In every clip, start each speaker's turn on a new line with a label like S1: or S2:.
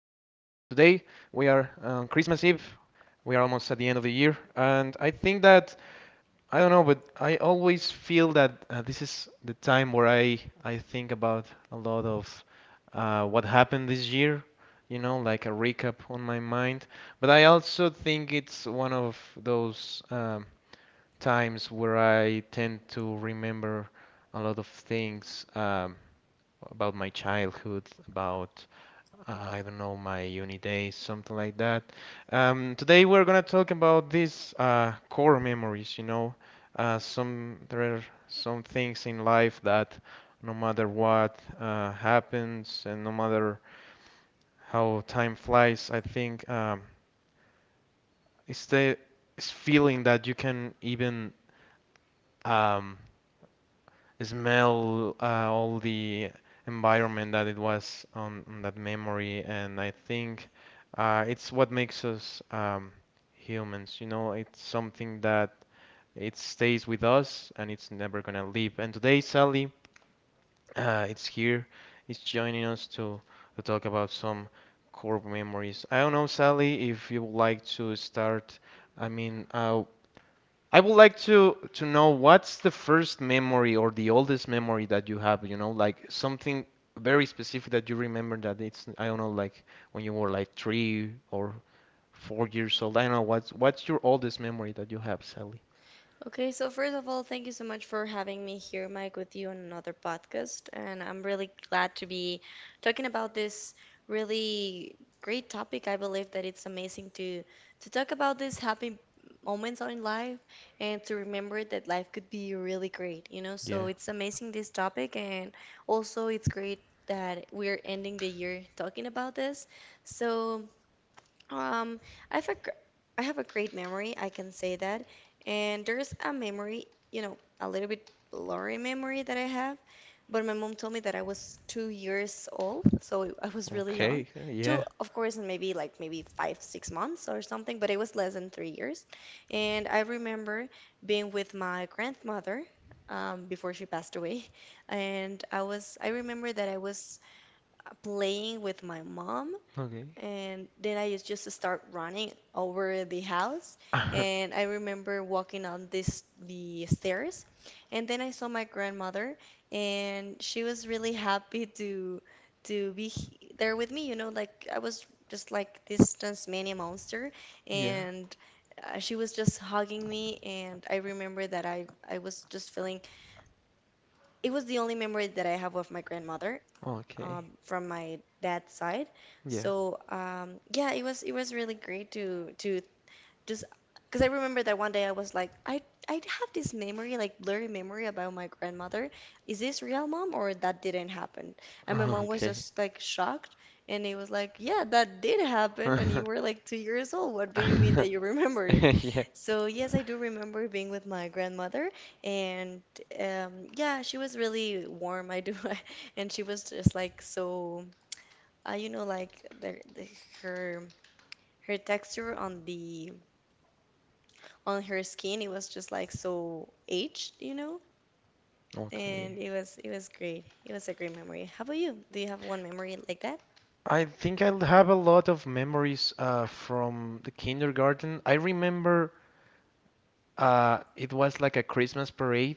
S1: on Christmas Eve. We are almost at the end of the year, and I think that I don't know, but I always feel that this is the time where I think about a lot of what happened this year, you know, like a recap on my mind. But I also think it's one of those times where I tend to remember a lot of things, about my childhood, about I don't know, my uni days, something like that. Today we're gonna talk about these core memories. You know, some there are some things in life that no matter what happens and no matter how time flies, I think it's the it's feeling that you can even, um, smell all the environment that it was on that memory, and I think it's what makes us, humans. You know, it's something that it stays with us and it's never gonna leave. And today, Sally, it's here, it's joining us to talk about some core memories. I don't know, Sally, if you would like to start. I mean, I would like to know what's the first memory or the oldest memory that you have, you know, like something very specific that you remember that it's, I don't know, like when you were like 3 or 4 years old. I don't know what's your oldest memory that you have, Sally?
S2: Okay, so first of all, thank you so much for having me here, Mike, with you on another podcast. And I'm really glad to be talking about this really great topic. I believe that it's amazing to talk about these happy moments in life and to remember that life could be really great, you know? So
S1: Yeah.
S2: it's amazing this topic, and also it's great that we're ending the year talking about this. So um, I have a, I have a great memory, I can say that. And there's a memory, you know, a little bit blurry memory that I have. But my mom told me that I was 2 years old, so I was really young.
S1: Okay.
S2: Two,
S1: Yeah.
S2: of course, and maybe like maybe five, 6 months or something, but it was less than 3 years. And I remember being with my grandmother before she passed away. And I remember that I was playing with my mom,
S1: Okay.
S2: and then I used just to start running over the house. And I remember walking on this the stairs, and then I saw my grandmother, and she was really happy to be there with me. You know, like I was just like this Tasmanian monster,
S1: Yeah.
S2: and she was just hugging me. And I remember that I was just feeling it was the only memory that I have of my grandmother,
S1: Okay.
S2: from my dad's side.
S1: Yeah.
S2: So yeah, it was really great to just because I remember that one day I was like, I have this memory, like blurry memory about my grandmother. Is this real, mom, or that didn't happen? And my mom was
S1: Okay.
S2: just like shocked, and it was like, yeah, that did happen, and you were like 2 years old. What do you mean that you remember it?
S1: Yeah.
S2: So yes, I do remember being with my grandmother, and yeah, she was really warm. I do, and she was just like so, you know, like the her her texture on the on her skin. It was just like so aged, you know? And
S1: Okay.
S2: it was great. It was a great memory. How about you? Do you have one memory like that?
S1: I think I have a lot of memories from the kindergarten. I remember it was like a Christmas parade.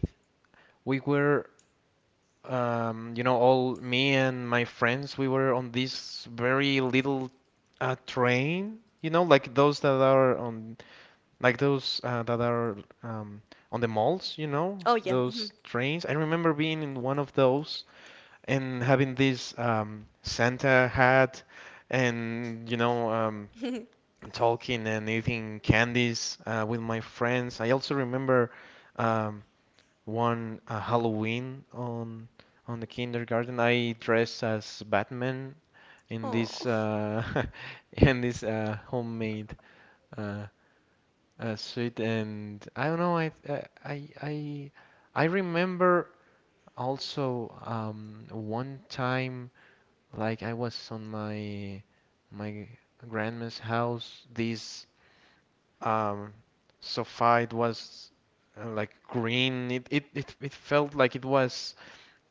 S1: We were, you know, all me and my friends, we were on this very little train, you know, like those that are on, like those that are, on the malls, you know,
S2: Oh, yeah.
S1: those trains. I remember being in one of those and having this, Santa hat and, you know,
S2: Mhm.
S1: talking and eating candies with my friends. I also remember, um, one Halloween on the kindergarten. I dressed as Batman in
S2: Oh,
S1: this in this homemade uh, suit, and I don't know. I remember also, one time, like I was on my grandma's house. This, um, so far, it was like green. It felt like it was,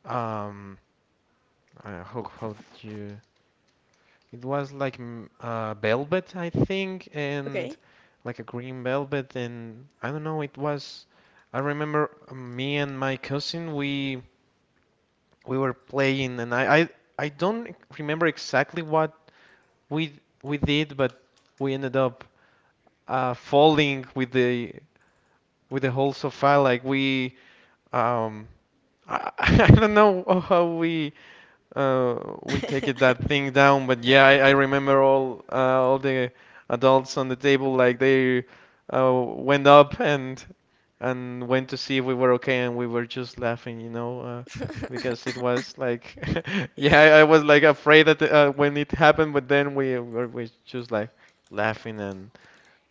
S1: um how do you, it was like, velvet, I think, and
S2: okay.
S1: like a green velvet, and I don't know, it was, I remember me and my cousin, we were playing, and I don't remember exactly what we we did, but we ended up falling with the whole sofa, like we, Um, I, I don't know how uh, we take it that thing down, but yeah, I remember all, the adults on the table, like they went up and went to see if we were okay, and we were just laughing, you know, because it was like, yeah, I was like afraid that, when it happened, but then we just like laughing and,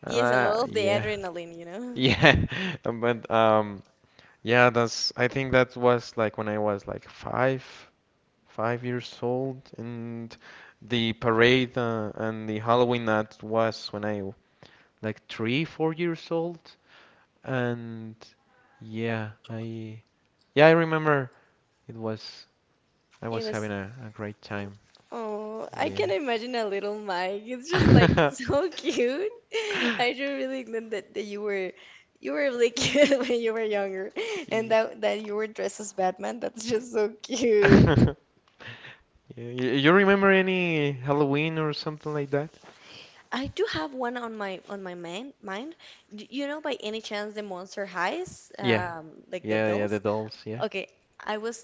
S2: Yes, and all of the
S1: yeah,
S2: adrenaline, you know?
S1: yeah, but, yeah, that's, I think that was like when I was like five years old, and the parade, and the Halloween, that was when like three, 4 years old, and yeah, I remember, it was I
S2: It
S1: was
S2: was,
S1: having a great time.
S2: oh, I can
S1: Yeah.
S2: imagine a little Mike. It's just like so cute. I do really think that, you were really cute when you were younger, and
S1: Yeah.
S2: that you were dressed as Batman. That's just so cute.
S1: Y- You remember any Halloween or something like that?
S2: I do have one on my mind. Do you know by any chance the Monster Highs,
S1: Yeah,
S2: like the
S1: yeah, yeah, the
S2: dolls?
S1: dolls, yeah.
S2: Okay, I was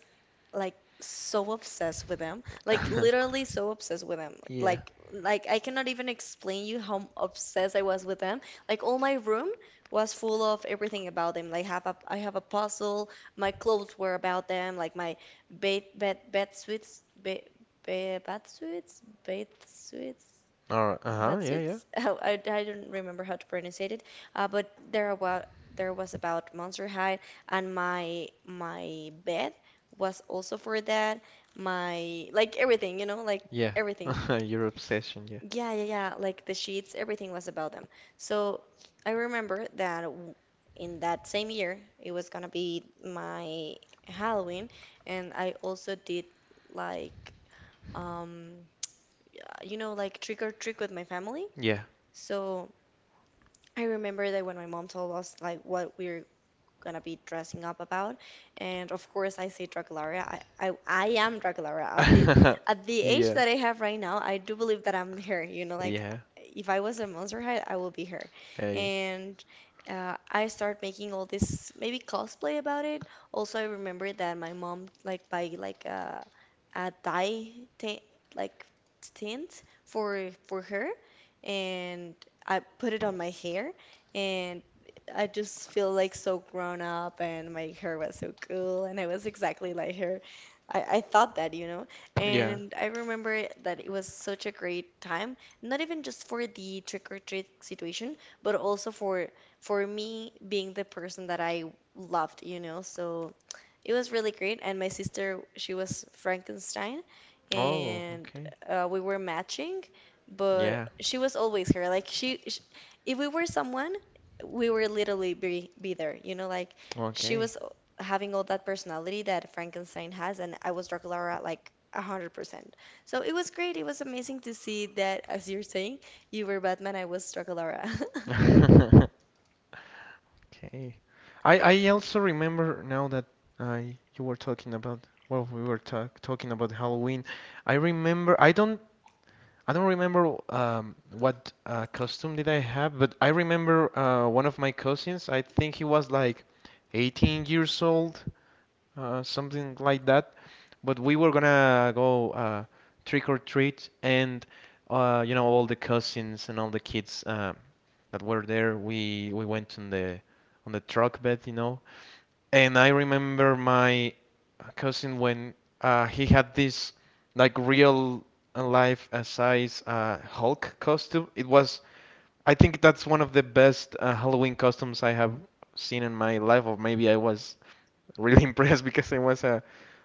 S2: like so obsessed with them, like literally so obsessed with them.
S1: Yeah.
S2: Like I cannot even explain you how obsessed I was with them. Like all my room was full of everything about them. Like have a I have a puzzle. My clothes were about them. Like my bed suits bed bed bath suits bed suits.
S1: All right. Uh-huh,
S2: That's
S1: yeah, yeah.
S2: it's how I don't remember how to pronounce it, but there was about Monster High, and my bed was also for that. My like everything, you know, like
S1: Yeah.
S2: everything.
S1: Your obsession,
S2: Yeah, yeah, yeah. Like the sheets, everything was about them. So I remember that in that same year, it was gonna be my Halloween, and I also did like um, you know, like trick or trick with my family.
S1: yeah.
S2: So, I remember that when my mom told us like what we're gonna be dressing up about. And of course, I say Dracularia. I am Dracularia.
S1: Yeah.
S2: At the age
S1: Yeah.
S2: that I have right now, I do believe that I'm her. You know,
S1: Yeah.
S2: like
S1: Yeah.
S2: if I was a Monster High, I will be her.
S1: Yeah.
S2: And I start making all this maybe cosplay about it. Also, I remember that my mom like buy like a dye tint like tint for her, and I put it on my hair, and I just feel like so grown up, and my hair was so cool, and I was exactly like her. I thought that, you know.
S1: Yeah.
S2: And I remember that it was such a great time, not even just for the trick or treat situation, but also for me being the person that I loved, you know. So it was really great, and my sister, she was Frankenstein,
S1: Oh,
S2: and
S1: okay.
S2: we were matching, but
S1: Yeah.
S2: she was always her. Like she, sh if we were someone, we were literally be there. You know, like she
S1: Okay.
S2: was o- having all that personality that Frankenstein has, and I was Draculaura like 100%. So it was great. It was amazing to see that, as you're saying, you were Batman, I was Draculaura.
S1: Okay. I also remember now that, uh, you were talking about, well, we were talking about Halloween. I remember, I don't remember, what costume did I have, but I remember one of my cousins. I think he was like 18 years old, something like that. But we were gonna go, trick or treat, and, you know, all the cousins and all the kids that were there. We went on the truck bed, you know, and I remember my cousin, when he had this like real life size Hulk costume. It was, I think that's one of the best Halloween costumes I have seen in my life, or maybe I was really, impressed because I was a,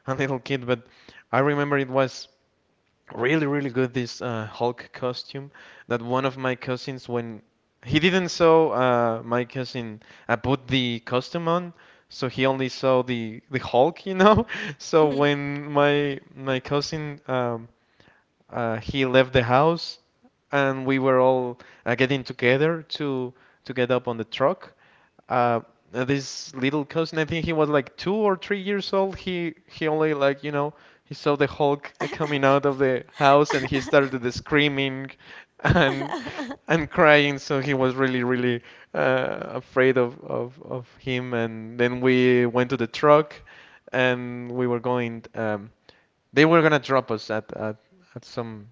S1: a little kid, but I remember it was. Really, really good, this Hulk costume, that one of my cousins, when he didn't saw my cousin put the costume on, so he only saw the Hulk, you know. So when my cousin, he left the house, and we were all getting together to get up on the truck. Uh, this little cousin, I think he was like 2 or 3 years old. He only, like, you know, he saw the Hulk, coming out of the house, and he started screaming, and crying. So he was really, really afraid of him. And then we went to the truck, and we were going. They were gonna drop us at some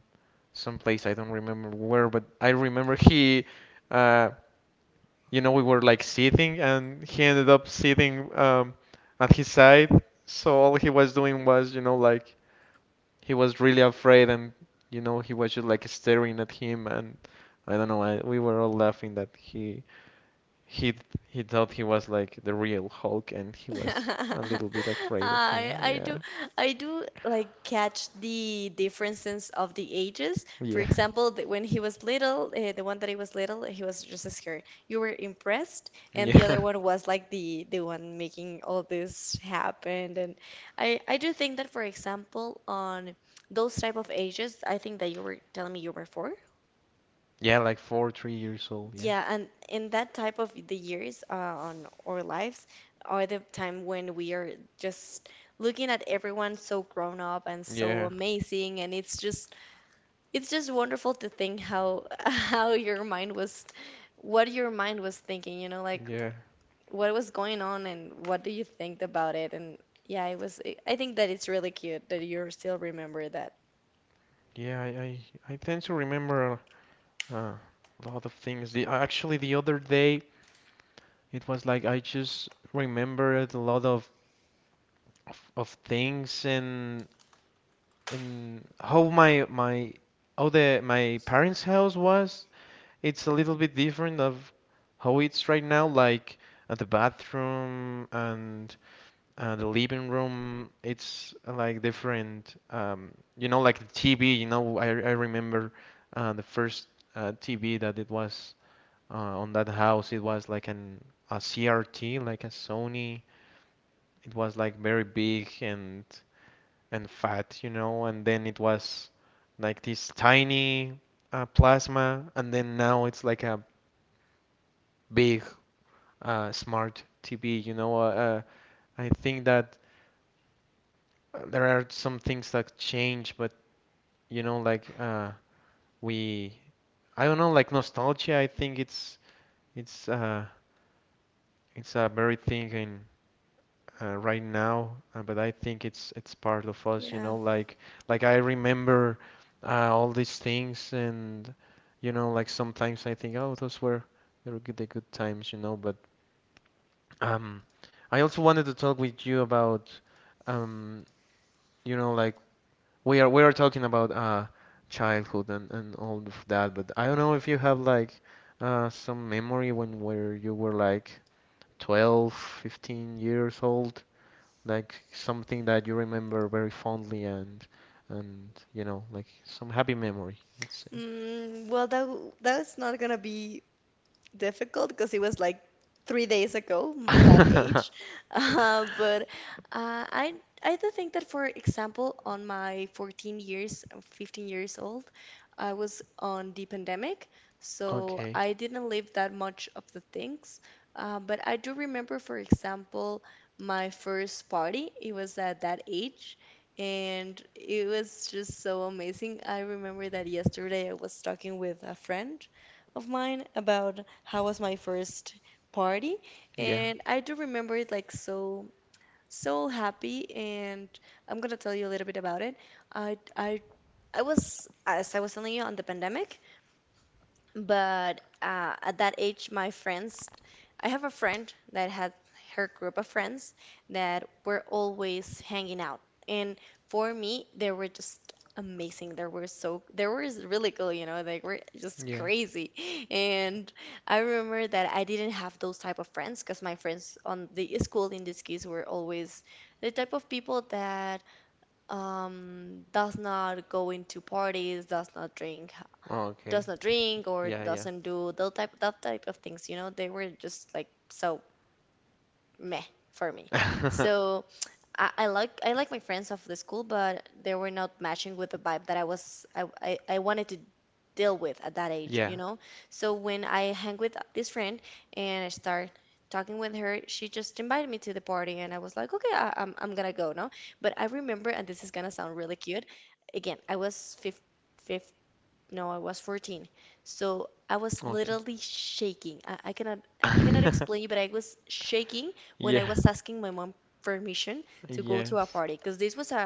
S1: place I don't remember where, but I remember, uh, you know, we were like sitting, and he ended up sitting, at his side. So all he was doing was, you know, like he was really afraid, and you know, he was just like staring at him, and I don't know, we were all laughing that he he thought he was like the real Hulk, and he was a little bit afraid of him.
S2: I I do
S1: Yeah,
S2: I do like catch the differences of the ages. For
S1: yeah,
S2: example, when he was little, the one that he was little, he was just scared. You were impressed, and the
S1: yeah.
S2: other one was like the one making all this happen. And I do think that, for example, on those type of ages, I think that you were telling me you were four.
S1: Yeah, like four, 3 years old. Yeah,
S2: Yeah, and in that type of the years on our lives are the time when we are just looking at everyone so grown up and so
S1: yeah,
S2: amazing, and it's just wonderful to think how how your mind was, what your mind was thinking, you know, like
S1: yeah,
S2: what was going on and what do you think about it? And yeah, it was I think that it's really cute that you still remember that.
S1: yeah. I tend to remember a lot of things. The Actually, the other day, it was like I just remembered a lot of things, and how my my how the my parents' house was. It's a little bit different of how it's right now. Like at the bathroom, and, the living room, it's like different. You know, like the TV. You know, I remember the first TV that it was on that house. It was like an a CRT, like a Sony. It was like very big and fat, you know. And then it was like this tiny plasma, and then now it's like a big smart TV. You know, I think that there are some things that change, but, you know, like, we I don't know, like, nostalgia, I think it's, it's uh it's a very thing in, right now, but I think it's part of us, you
S2: Yeah.
S1: know, like I remember all these things, and you know, like sometimes I think, oh, those were they were good, the good times, you know, but, um I also wanted to talk with you about, um you know, like, we are talking about childhood, and, all of that, but I don't know if you have like some memory when where you were like 12, 15 years old, like something that you remember very fondly, and you know, like some happy memory, let's say.
S2: Mm, well, that that's not gonna be difficult because it was like 3 days ago, that age. But uh, I I do think that, for example, on my 14 years, 15 years old, I was on the pandemic, so
S1: Okay.
S2: I didn't live that much of the things. But I do remember, for example, my first party. It was at that age. And it was just so amazing. I remember that yesterday I was talking with a friend of mine about how was my first party,
S1: Yeah.
S2: and I do remember it like so so happy, and I'm gonna tell you a little bit about it. I I I was as I was telling you on the pandemic, but at that age, my friends, I have a friend that had her group of friends that were always hanging out. And for me, they were just amazing. They were really cool, you know, they were just
S1: Yeah.
S2: crazy. And I remember that I didn't have those type of friends because my friends on the school in this case were always the type of people that does not go into parties,
S1: Oh, okay.
S2: does not drink or
S1: Yeah, yeah.
S2: doesn't do the type that type of things, you know, they were just like so meh for me. So I like my friends of the school, but they were not matching with the vibe that I wanted to deal with at that age,
S1: Yeah.
S2: you know. So when I hang with this friend and I start talking with her, she just invited me to the party, and I was like, okay, I'm gonna go no. But I remember and this is gonna sound really cute, again, I was 15, no, I was 14. So I was
S1: Okay.
S2: literally shaking. I cannot explain, but I was shaking when
S1: Yeah.
S2: I was asking my mom permission to go to a
S1: Yes.
S2: party, because this was a,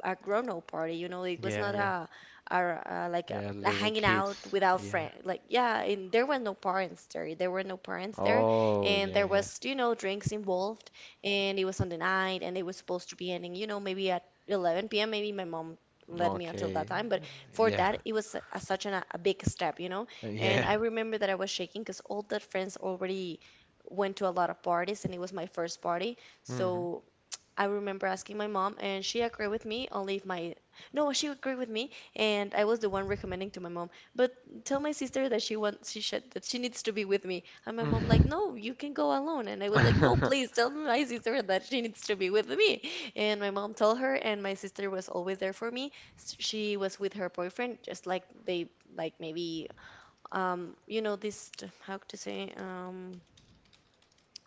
S2: a, a a grown-up party, you know, it was
S1: Yeah,
S2: not
S1: yeah.
S2: a, a like
S1: Yeah,
S2: a
S1: little
S2: hanging out
S1: kids.
S2: without
S1: Yeah.
S2: friend. Like yeah, and there were no parents there. There were no parents there,
S1: Oh,
S2: and
S1: yeah,
S2: there
S1: yeah.
S2: was, you know, drinks involved, and it was on the night, and it was supposed to be ending, you know, maybe at 11 p.m. Maybe my mom let me until that
S1: Okay.
S2: time, but for
S1: Yeah.
S2: that it was such a big step, you know.
S1: Yeah.
S2: And I remember that I was shaking because all the friends already went to a lot of parties, and it was my first party.
S1: Mhm.
S2: So I remember asking my mom, and she agreed with me, only if my. No, she agreed with me, and I was the one recommending to my mom. But tell my sister that she wants, she should, that she needs to be with me. And my mom like, no, you can go alone. And I was like, no, please tell my sister that she needs to be with me. And my mom told her, and my sister was always there for me. She was with her boyfriend, just like they, like maybe, you know, this, how to say.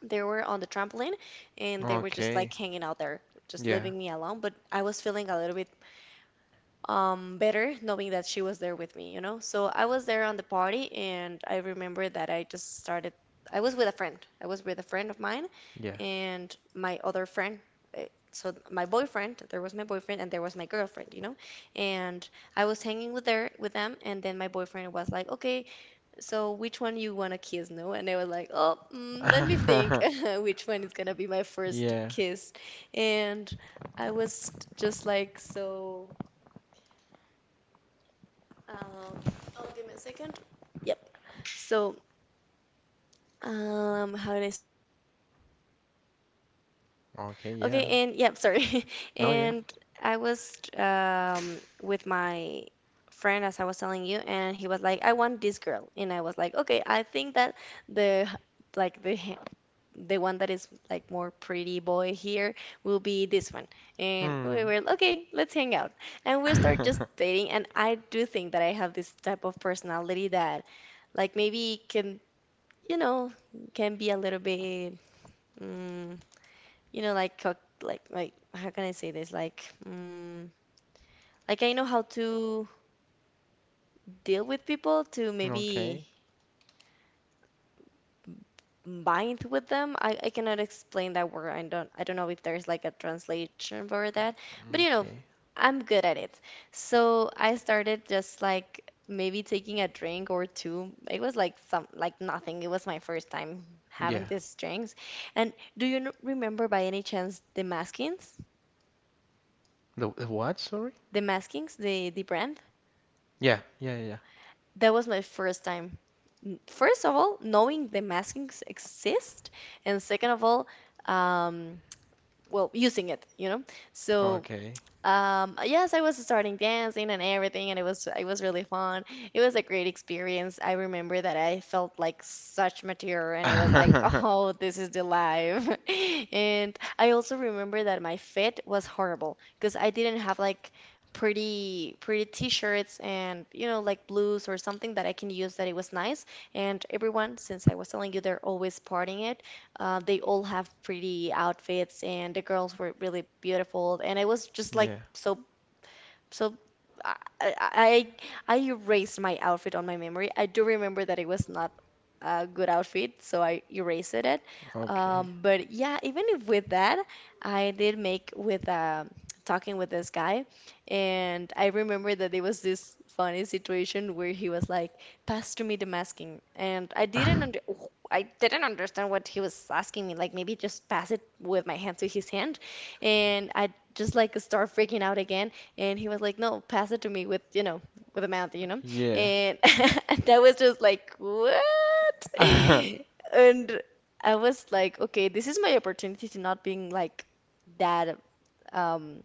S2: They were on the trampoline and they were just like
S1: Okay.
S2: hanging out there, just
S1: Yeah.
S2: leaving me alone. But I was feeling a little bit better knowing that she was there with me. So I was there on the party and I remember that I just started, I was with a friend. I was with a friend of mine
S1: Yeah.
S2: and my other friend. eh, So my boyfriend, there was my boyfriend and there was my girlfriend. And I was hanging with her with them, and then my boyfriend was like, "Okay, so which one you want to kiss?" no And I was like, "Oh, let me think, which one is gonna be my first
S1: Yeah.
S2: kiss?" And I was just like, so um oh, give me a second. Yep. So, how did I...
S1: Okay, yeah.
S2: Okay. And yeah, sorry.
S1: No, yeah.
S2: And I was with my friend, as I was telling you, and he was like, "I want this girl," and I was like, "Okay, I think that the, like, the one that is like more pretty boy here will be this one." And we
S1: Hmm.
S2: were, okay, let's hang out, and we start just dating. And I do think that I have this type of personality that, like, maybe can, you know, can be a little bit... mm, you know, like, cook, like, how can I say this? Like, like, I know how to deal with people to maybe
S1: Okay.
S2: bind with them. I cannot explain that word. I don't know if there's like a translation for that, but you know,
S1: Okay.
S2: I'm good at it. So I started just like maybe taking a drink or two. It was like some, like, nothing. It was my first time having
S1: Yeah.
S2: these drinks. And do you remember by any chance the Maskins?
S1: The what? Sorry?
S2: The Maskings, the brand?
S1: Yeah. Yeah, yeah. Yeah.
S2: That was my first time. First of all, knowing the maskings exist, and second of all, um, well, using it. So
S1: Okay.
S2: yes, I was starting dancing and everything, and it was really fun. It was a great experience. I remember that I felt like such mature, and I was like, "Oh, this is the life." And I also remember that my fit was horrible because I didn't have like pretty t-shirts and, you know, like blues or something that I can use that it was nice. And everyone, since I was telling you, they're always partying it. They all have pretty outfits, and the girls were really beautiful. And I was just like,
S1: Yeah.
S2: so, so, I I erased my outfit on my memory. I do remember that it was not a good outfit, so I erased it.
S1: Okay.
S2: But yeah, even if with that, I did make with talking with this guy, and I remember that there was this funny situation where he was like, "Pass to me the masking," and I didn't under oh, I didn't understand what he was asking me. Like, maybe just pass it with my hand to his hand, and I just like start freaking out again, and he was like, "No, pass it to me with, you know, with a mouth, you know."
S1: Yeah.
S2: And, and I was just like, "What?" And I was like, "Okay, this is my opportunity to not being like that, um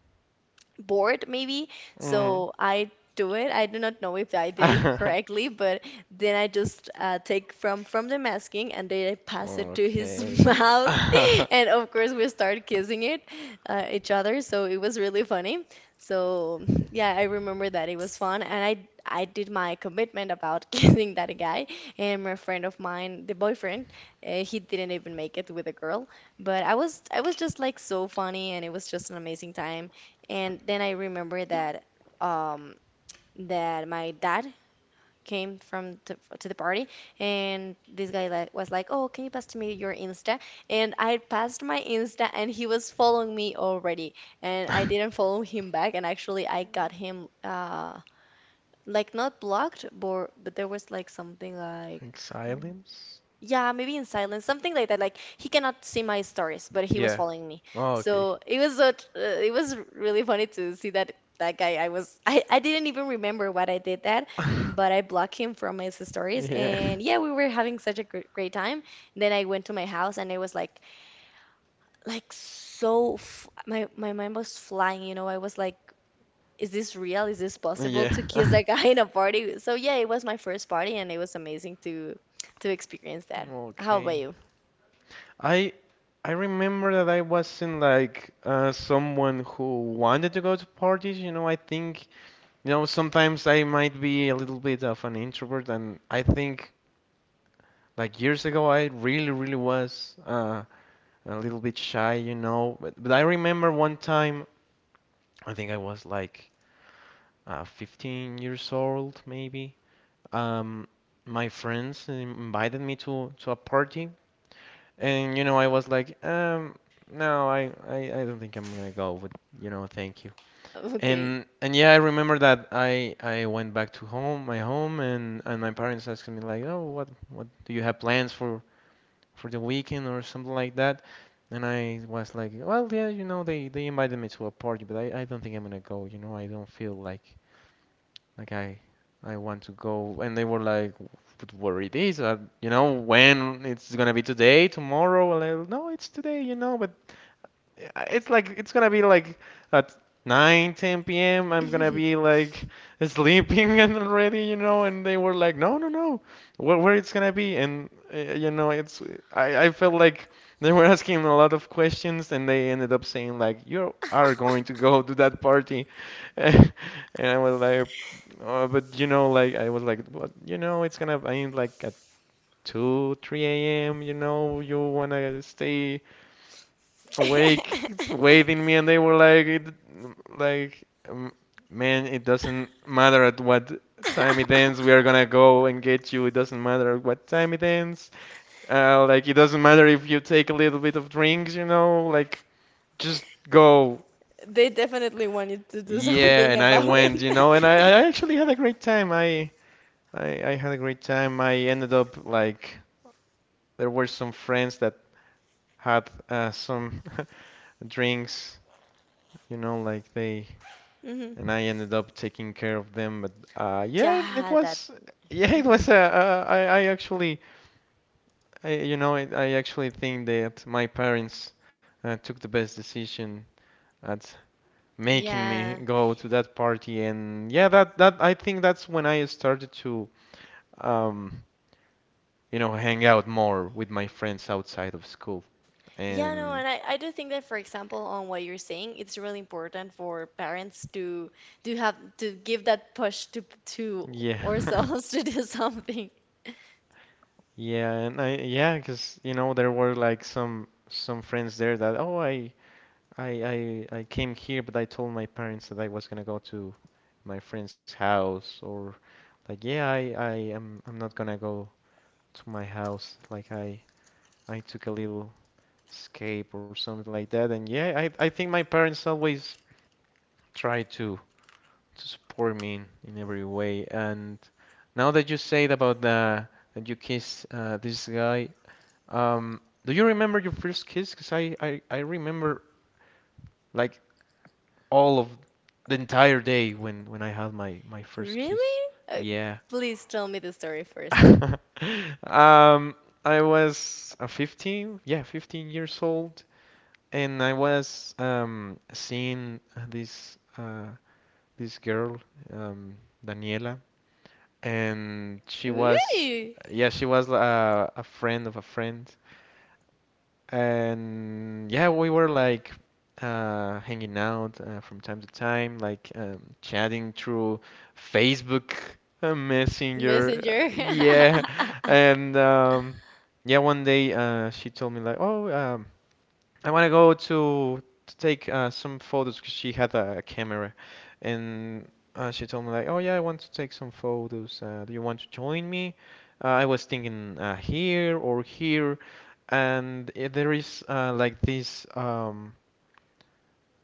S2: board maybe."
S1: Mhm.
S2: So I do it. I do not know if I did it correctly, but then I just take from the masking, and then I pass it to his
S1: Okay.
S2: mouth, and of course we start kissing it each other. So it was really funny. So yeah, I remember that it was fun, and I did my commitment about kissing that guy. And my friend of mine, the boyfriend, he didn't even make it with a girl. But I was, I was just like, so funny, and it was just an amazing time. And then I remember that um that my dad came from to the party, and this guy like was like, "Oh, can you pass to me your Insta?" And I passed my Insta, and he was following me already, and I didn't follow him back. And actually I got him like not blocked, but there was like something like...
S1: Like
S2: oh,
S1: silence?
S2: yeah, maybe in silence, something like that. Like he cannot see my stories, but he was
S1: Yeah.
S2: following me.
S1: Oh, okay.
S2: So it was a, it was really funny to see that that guy. I was, I didn't even remember what I did that, but I blocked him from his stories.
S1: Yeah.
S2: And yeah, we were having such a gr great time. Then I went to my house, and I was like, so f my mind was flying. You know, I was like, is this real? Is this possible
S1: Yeah.
S2: to kiss a guy in a party? So yeah, it was my first party, and it was amazing to experience that. How about
S1: Okay.
S2: you?
S1: I I remember that I wasn't like someone who wanted to go to parties. You know, I think, you know, sometimes I might be a little bit of an introvert, and I think like years ago I really, really was a little bit shy. You know, but, I remember one time, I think I was like, 15 years old maybe. Um, my friends invited me to a party, and you know, I was like, no, I don't think I'm gonna go, but you know, thank you.
S2: Okay.
S1: And yeah, I remember that I went back to home, my home, and my parents asked me like, oh, what do you have plans for the weekend or something like that? And I was like, well, yeah, you know, they invited me to a party, but I don't think I'm gonna go. You know, I don't feel like like I want to go. And they were like, but where it is, you know, when it's gonna be, today, tomorrow? And no, it's today, you know, but it's like it's gonna be like at nine, ten 10 p.m. I'm gonna be like sleeping and already, you know. And they were like, no, no, no, where it's gonna be. And you know, it's, I felt like they were asking a lot of questions, and they ended up saying like, "You are going to go to that party," and I was like, oh, but you know, like, I was like, but you know, it's gonna end like at 2, 3 a.m. You know, you wanna stay awake, waiting me. And they were like, it, like, um, man, it doesn't matter at what time it ends. We are gonna go and get you. It doesn't matter at what time it ends. Like, it doesn't matter if you take a little bit of drinks, you know, like, just go.
S2: They definitely wanted to do
S1: Yeah,
S2: something
S1: and I
S2: about
S1: went, you
S2: it.
S1: know, and I actually had a great time. I had a great time. I ended up like, there were some friends that had some drinks, you know, like they,
S2: Hmm.
S1: and I ended up taking care of them. But yeah, it
S2: Yeah, that.
S1: was, yeah, it
S2: Hmm.
S1: was. I actually, I, you know I actually think that my parents took the best decision at making me
S2: Yeah.
S1: go to that party. And yeah, that I think that's when I started to um, hang out more with my friends outside of school,
S2: Yeah, no,
S1: and
S2: and I do think that, for example, on what you're saying, it's really important for parents to have to give that push to
S1: yeah.
S2: ourselves to do something.
S1: Yeah, and I, yeah, 'cause you know there were like some friends there that, oh, I came here, but I told my parents that I was gonna go to my friend's house, or like, yeah, I am I'm not gonna go to my house. Like I took a little escape or something like that. And yeah, I think my parents always try to support me in, every way. And now that you said about the that you kissed, this guy, um, do you remember your first kiss? 'Cause I remember, like, all of the entire day when I had my first kiss.
S2: Really? Uh,
S1: Yeah.
S2: Please tell me the story first.
S1: Um, I was 15, yeah, 15 years old, and I was seeing this uh this girl, um Daniela. And
S2: Ooh,
S1: she was a friend of a friend. And yeah, we were like hanging out from time to time, like, chatting through Facebook, Messenger.
S2: messenger.
S1: Yeah. And yeah, one day she told me like, oh, I want to go to take some photos, because she had a camera. And she told me like, "Oh yeah, I want to take some photos. Do you want to join me?" I was thinking here or here. And I there is, like, this.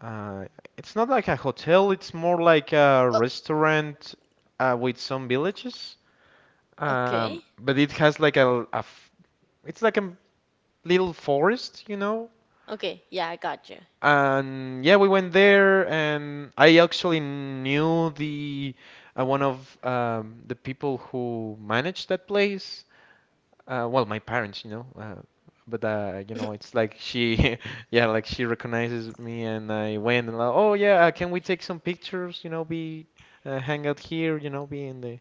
S1: uh, it's not like a hotel. It's more like a
S2: Oh,
S1: restaurant with some villages.
S2: okay.
S1: But it has like it's like a little forest, you know.
S2: Okay. Yeah, I got you.
S1: And yeah, we went there, and I actually knew the, one of the people who managed that place. Well, my parents, you know, but you know, it's like she, yeah, like she recognizes me. And I went and like, oh, yeah, can we take some pictures? You know, be hang out here, you know, be in the,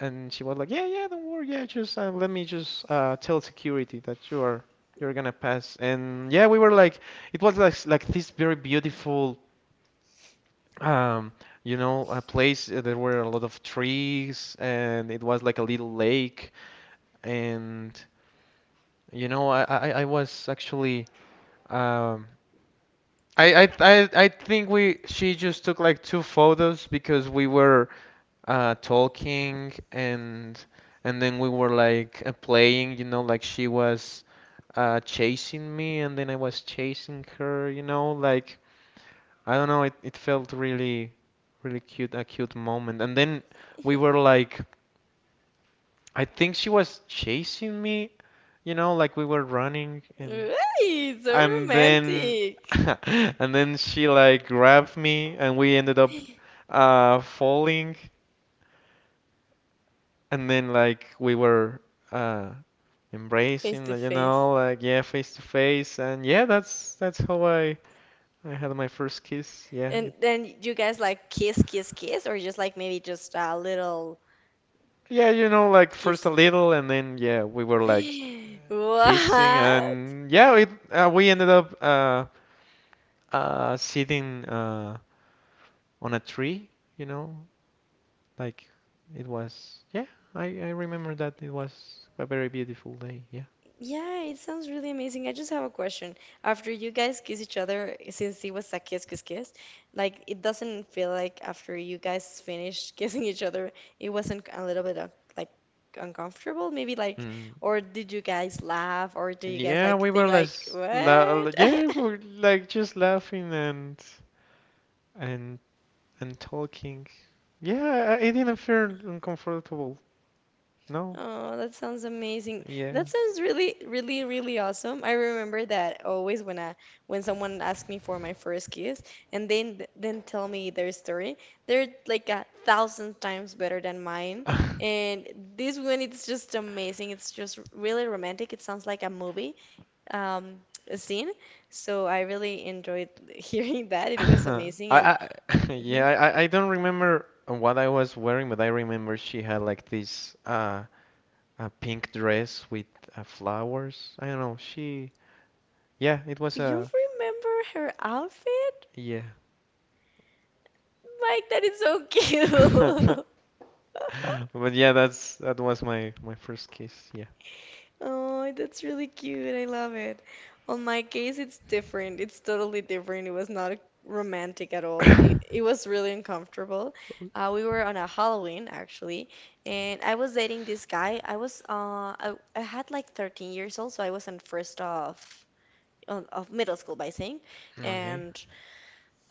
S1: and she was like, yeah, yeah, don't worry. Yeah, just let me just tell security that you are, you're gonna pass. And yeah, we were like, it was like this very beautiful, um, you know, a place. There were a lot of trees, and it was like a little lake. And you know, I was actually, um, I think we she just took like two photos, because we were talking. And then we were like playing, you know, like she was chasing me, and then I was chasing her, you know, like, I don't know, it felt really cute, a cute moment. And then we were like, I think she was chasing me, you know, like we were running, and
S2: Right, so
S1: and then
S2: romantic.
S1: and then she like grabbed me, and we ended up falling. And then, like, we were uh
S2: Face
S1: embracing,
S2: to
S1: you
S2: face.
S1: know, like, yeah, face to face. And yeah, that's how I had my first kiss. Yeah, it,
S2: And then you guys like kiss, kiss, kiss, or just like maybe just a little
S1: yeah, you know, like first a
S2: kiss?
S1: little, and then, yeah, we were like kissing.
S2: What?
S1: And yeah, it, we ended up sitting on a tree, you know, like, it was, yeah. I remember that it was a very beautiful day. Yeah.
S2: Yeah, it sounds really amazing. I just have a question. After you guys kiss each other, since it was a kiss, kiss, kiss, like it doesn't feel like after you guys finished kissing each other, it wasn't a little bit of like uncomfortable, maybe like,
S1: mm.
S2: or did you guys laugh, or do you guys
S1: Yeah,
S2: like
S1: we were
S2: think like, what?
S1: yeah, we were like just laughing and and and talking. Yeah, I didn't feel uncomfortable. No.
S2: Oh, that sounds amazing.
S1: Yeah.
S2: That sounds really, really, really awesome. I remember that always when I, when someone asks me for my first kiss and then tell me their story, they're like a thousand times better than mine.
S1: I,
S2: And this one, it's just amazing. It's just really romantic. It sounds like a movie, um, a scene. So I really enjoyed hearing that. It was amazing. And
S1: I yeah,
S2: mhm.
S1: I don't remember what I was wearing, but I remember she had like this a pink dress with flowers. I don't know, she, yeah, it was
S2: Do you
S1: a,
S2: remember her outfit?
S1: yeah.
S2: Mike, that is so cute.
S1: But yeah, that was my first kiss. Yeah.
S2: Oh, that's really cute. I love it. On my case, it's different. It's totally different. It was not romantic at all. It was really uncomfortable. We were on a Halloween, actually, and I was dating this guy. I was, I had like 13 years old, so I was in first of, of middle school by saying,
S1: Okay.
S2: and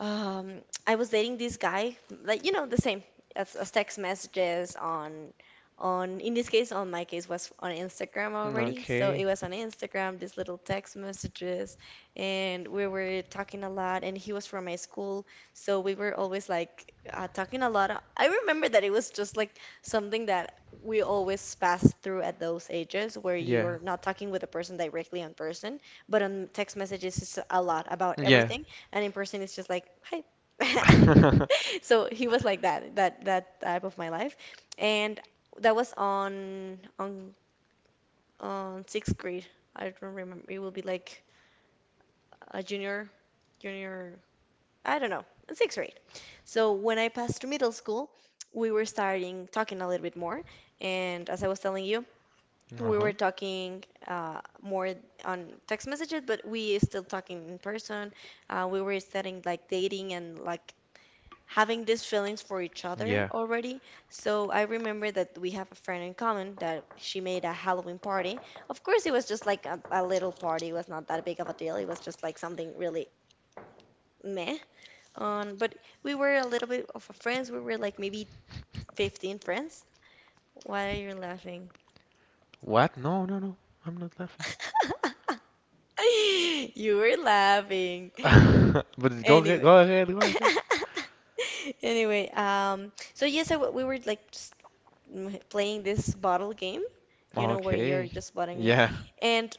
S2: I was dating this guy, like, you know, the same as text messages on, in this case, on my case, was on Instagram already. So it
S1: Okay.
S2: was on Instagram, these little text messages, and we were talking a lot. And he was from my school, so we were always like talking a lot. I remember that it was just like something that we always pass through at those ages where you
S1: Yeah.
S2: are not talking with a person directly on person, but on text messages it's a lot about
S1: Yeah.
S2: everything, and in person it's just like hi. So he was like that, that type of my life. And that was on on sixth grade. I don't remember. It will be like a junior, junior, I don't know, in sixth grade. So when I passed to middle school, we were starting talking a little bit more, and as I was telling you, we
S1: Uh-huh.
S2: were talking more on text messages, but we still talking in person. We were studying, like, dating and like having these feelings for each other
S1: Yeah.
S2: already. So I remember that we have a friend in common that she made a Halloween party. Of course, it was just like a little party. It was not that big of a deal. It was just like something really meh. But we were a little bit of a friends. We were like maybe 15 friends. Why are you laughing?
S1: What? No, no, no. I'm not laughing.
S2: You were laughing.
S1: But go ahead,
S2: Anyway.
S1: go ahead, go ahead.
S2: Anyway, so yes, I, we were like just playing this bottle game, you know, where you're
S1: Okay.
S2: just butting it.
S1: Yeah.
S2: And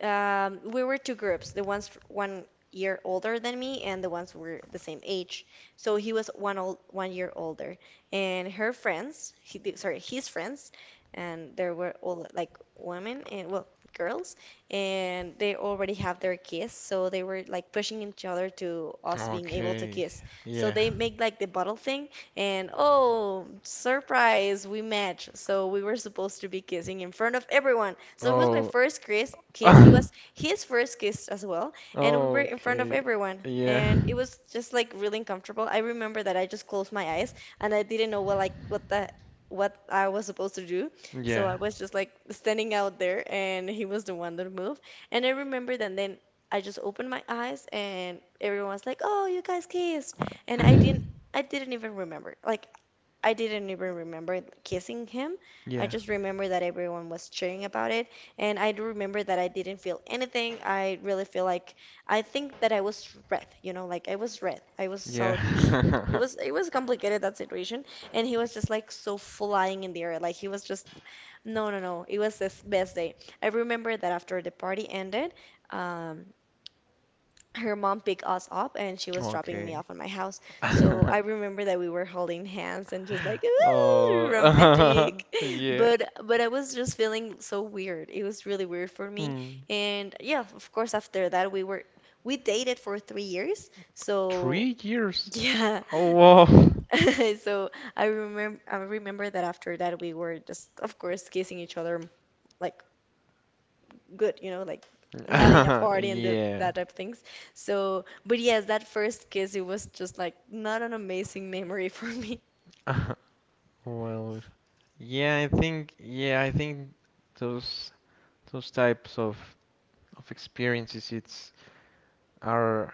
S2: we were two groups, the ones 1 year older than me, and the ones who were the same age. So he was one old, 1 year older, and her friends, he, sorry, his friends, and there were all like women and, well, girls, and they already have their kiss, so they were like pushing each other to us being able to
S1: Okay.
S2: kiss. So
S1: Yeah.
S2: they make like the bottle thing, and oh, surprise, we match. So we were supposed to be kissing in front of everyone. So it was my
S1: Oh.
S2: first kiss, kiss. It was his first kiss as well, and we were in front of
S1: Okay.
S2: everyone.
S1: Yeah.
S2: And it was just like really uncomfortable. I remember that I just closed my eyes, and I didn't know what, like, what I was supposed to do. So I
S1: Yeah.
S2: was just like standing out there, and he was the one that moved. And I remember that then I just opened my eyes, and everyone was like, "Oh, you guys kissed." And I didn't even remember. Like, I didn't even remember kissing him. I
S1: Yeah.
S2: just remember that everyone was cheering about it. And I do remember that I didn't feel anything. I really feel like I think that I was red, you know, like I was red. I was
S1: Yeah.
S2: so, it was, it was complicated that situation. And he was just like, so flying in the air. Like he was just, no, no, no. It was his best day. I remember that after the party ended, um, her mom picked us up, and she was dropping me
S1: Okay.
S2: off at my house. So I remember that we were holding hands, and just like, "Ooh,
S1: Oh,
S2: romantic."
S1: yeah.
S2: But I was just feeling so weird. It was really weird for me.
S1: Hmm.
S2: And yeah, of course after that we were, we dated for 3 years. So
S1: 3 years?
S2: yeah.
S1: Oh, wow.
S2: So I remember, I remember that after that, we were just of course kissing each other like good, you know, like not in a party and the,
S1: Yeah.
S2: that type of things. So, but yes, that first kiss, it was just like not an amazing memory for me.
S1: Well, yeah, I think those those types of experiences, it's, are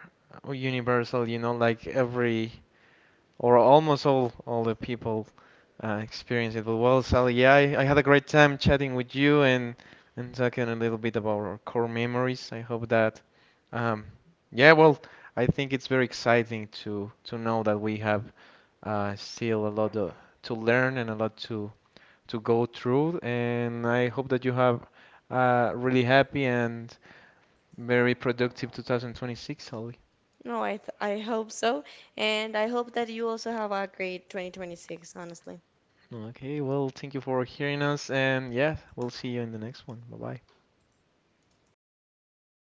S1: universal, you know, like every, or almost all the people experience it. But well, Sally, yeah, I had a great time chatting with you, and talking a little bit about our core memories. I hope that, um, yeah, well, I think it's very exciting to know that we have, still a lot to learn, and a lot to go through. And I hope that you have a really happy and very productive 2026, Sally.
S2: No, I th I hope so, and I hope that you also have a great 2026, honestly.
S1: Okay, well, thank you for hearing us, and yeah, we'll see you in the next one. Bye bye.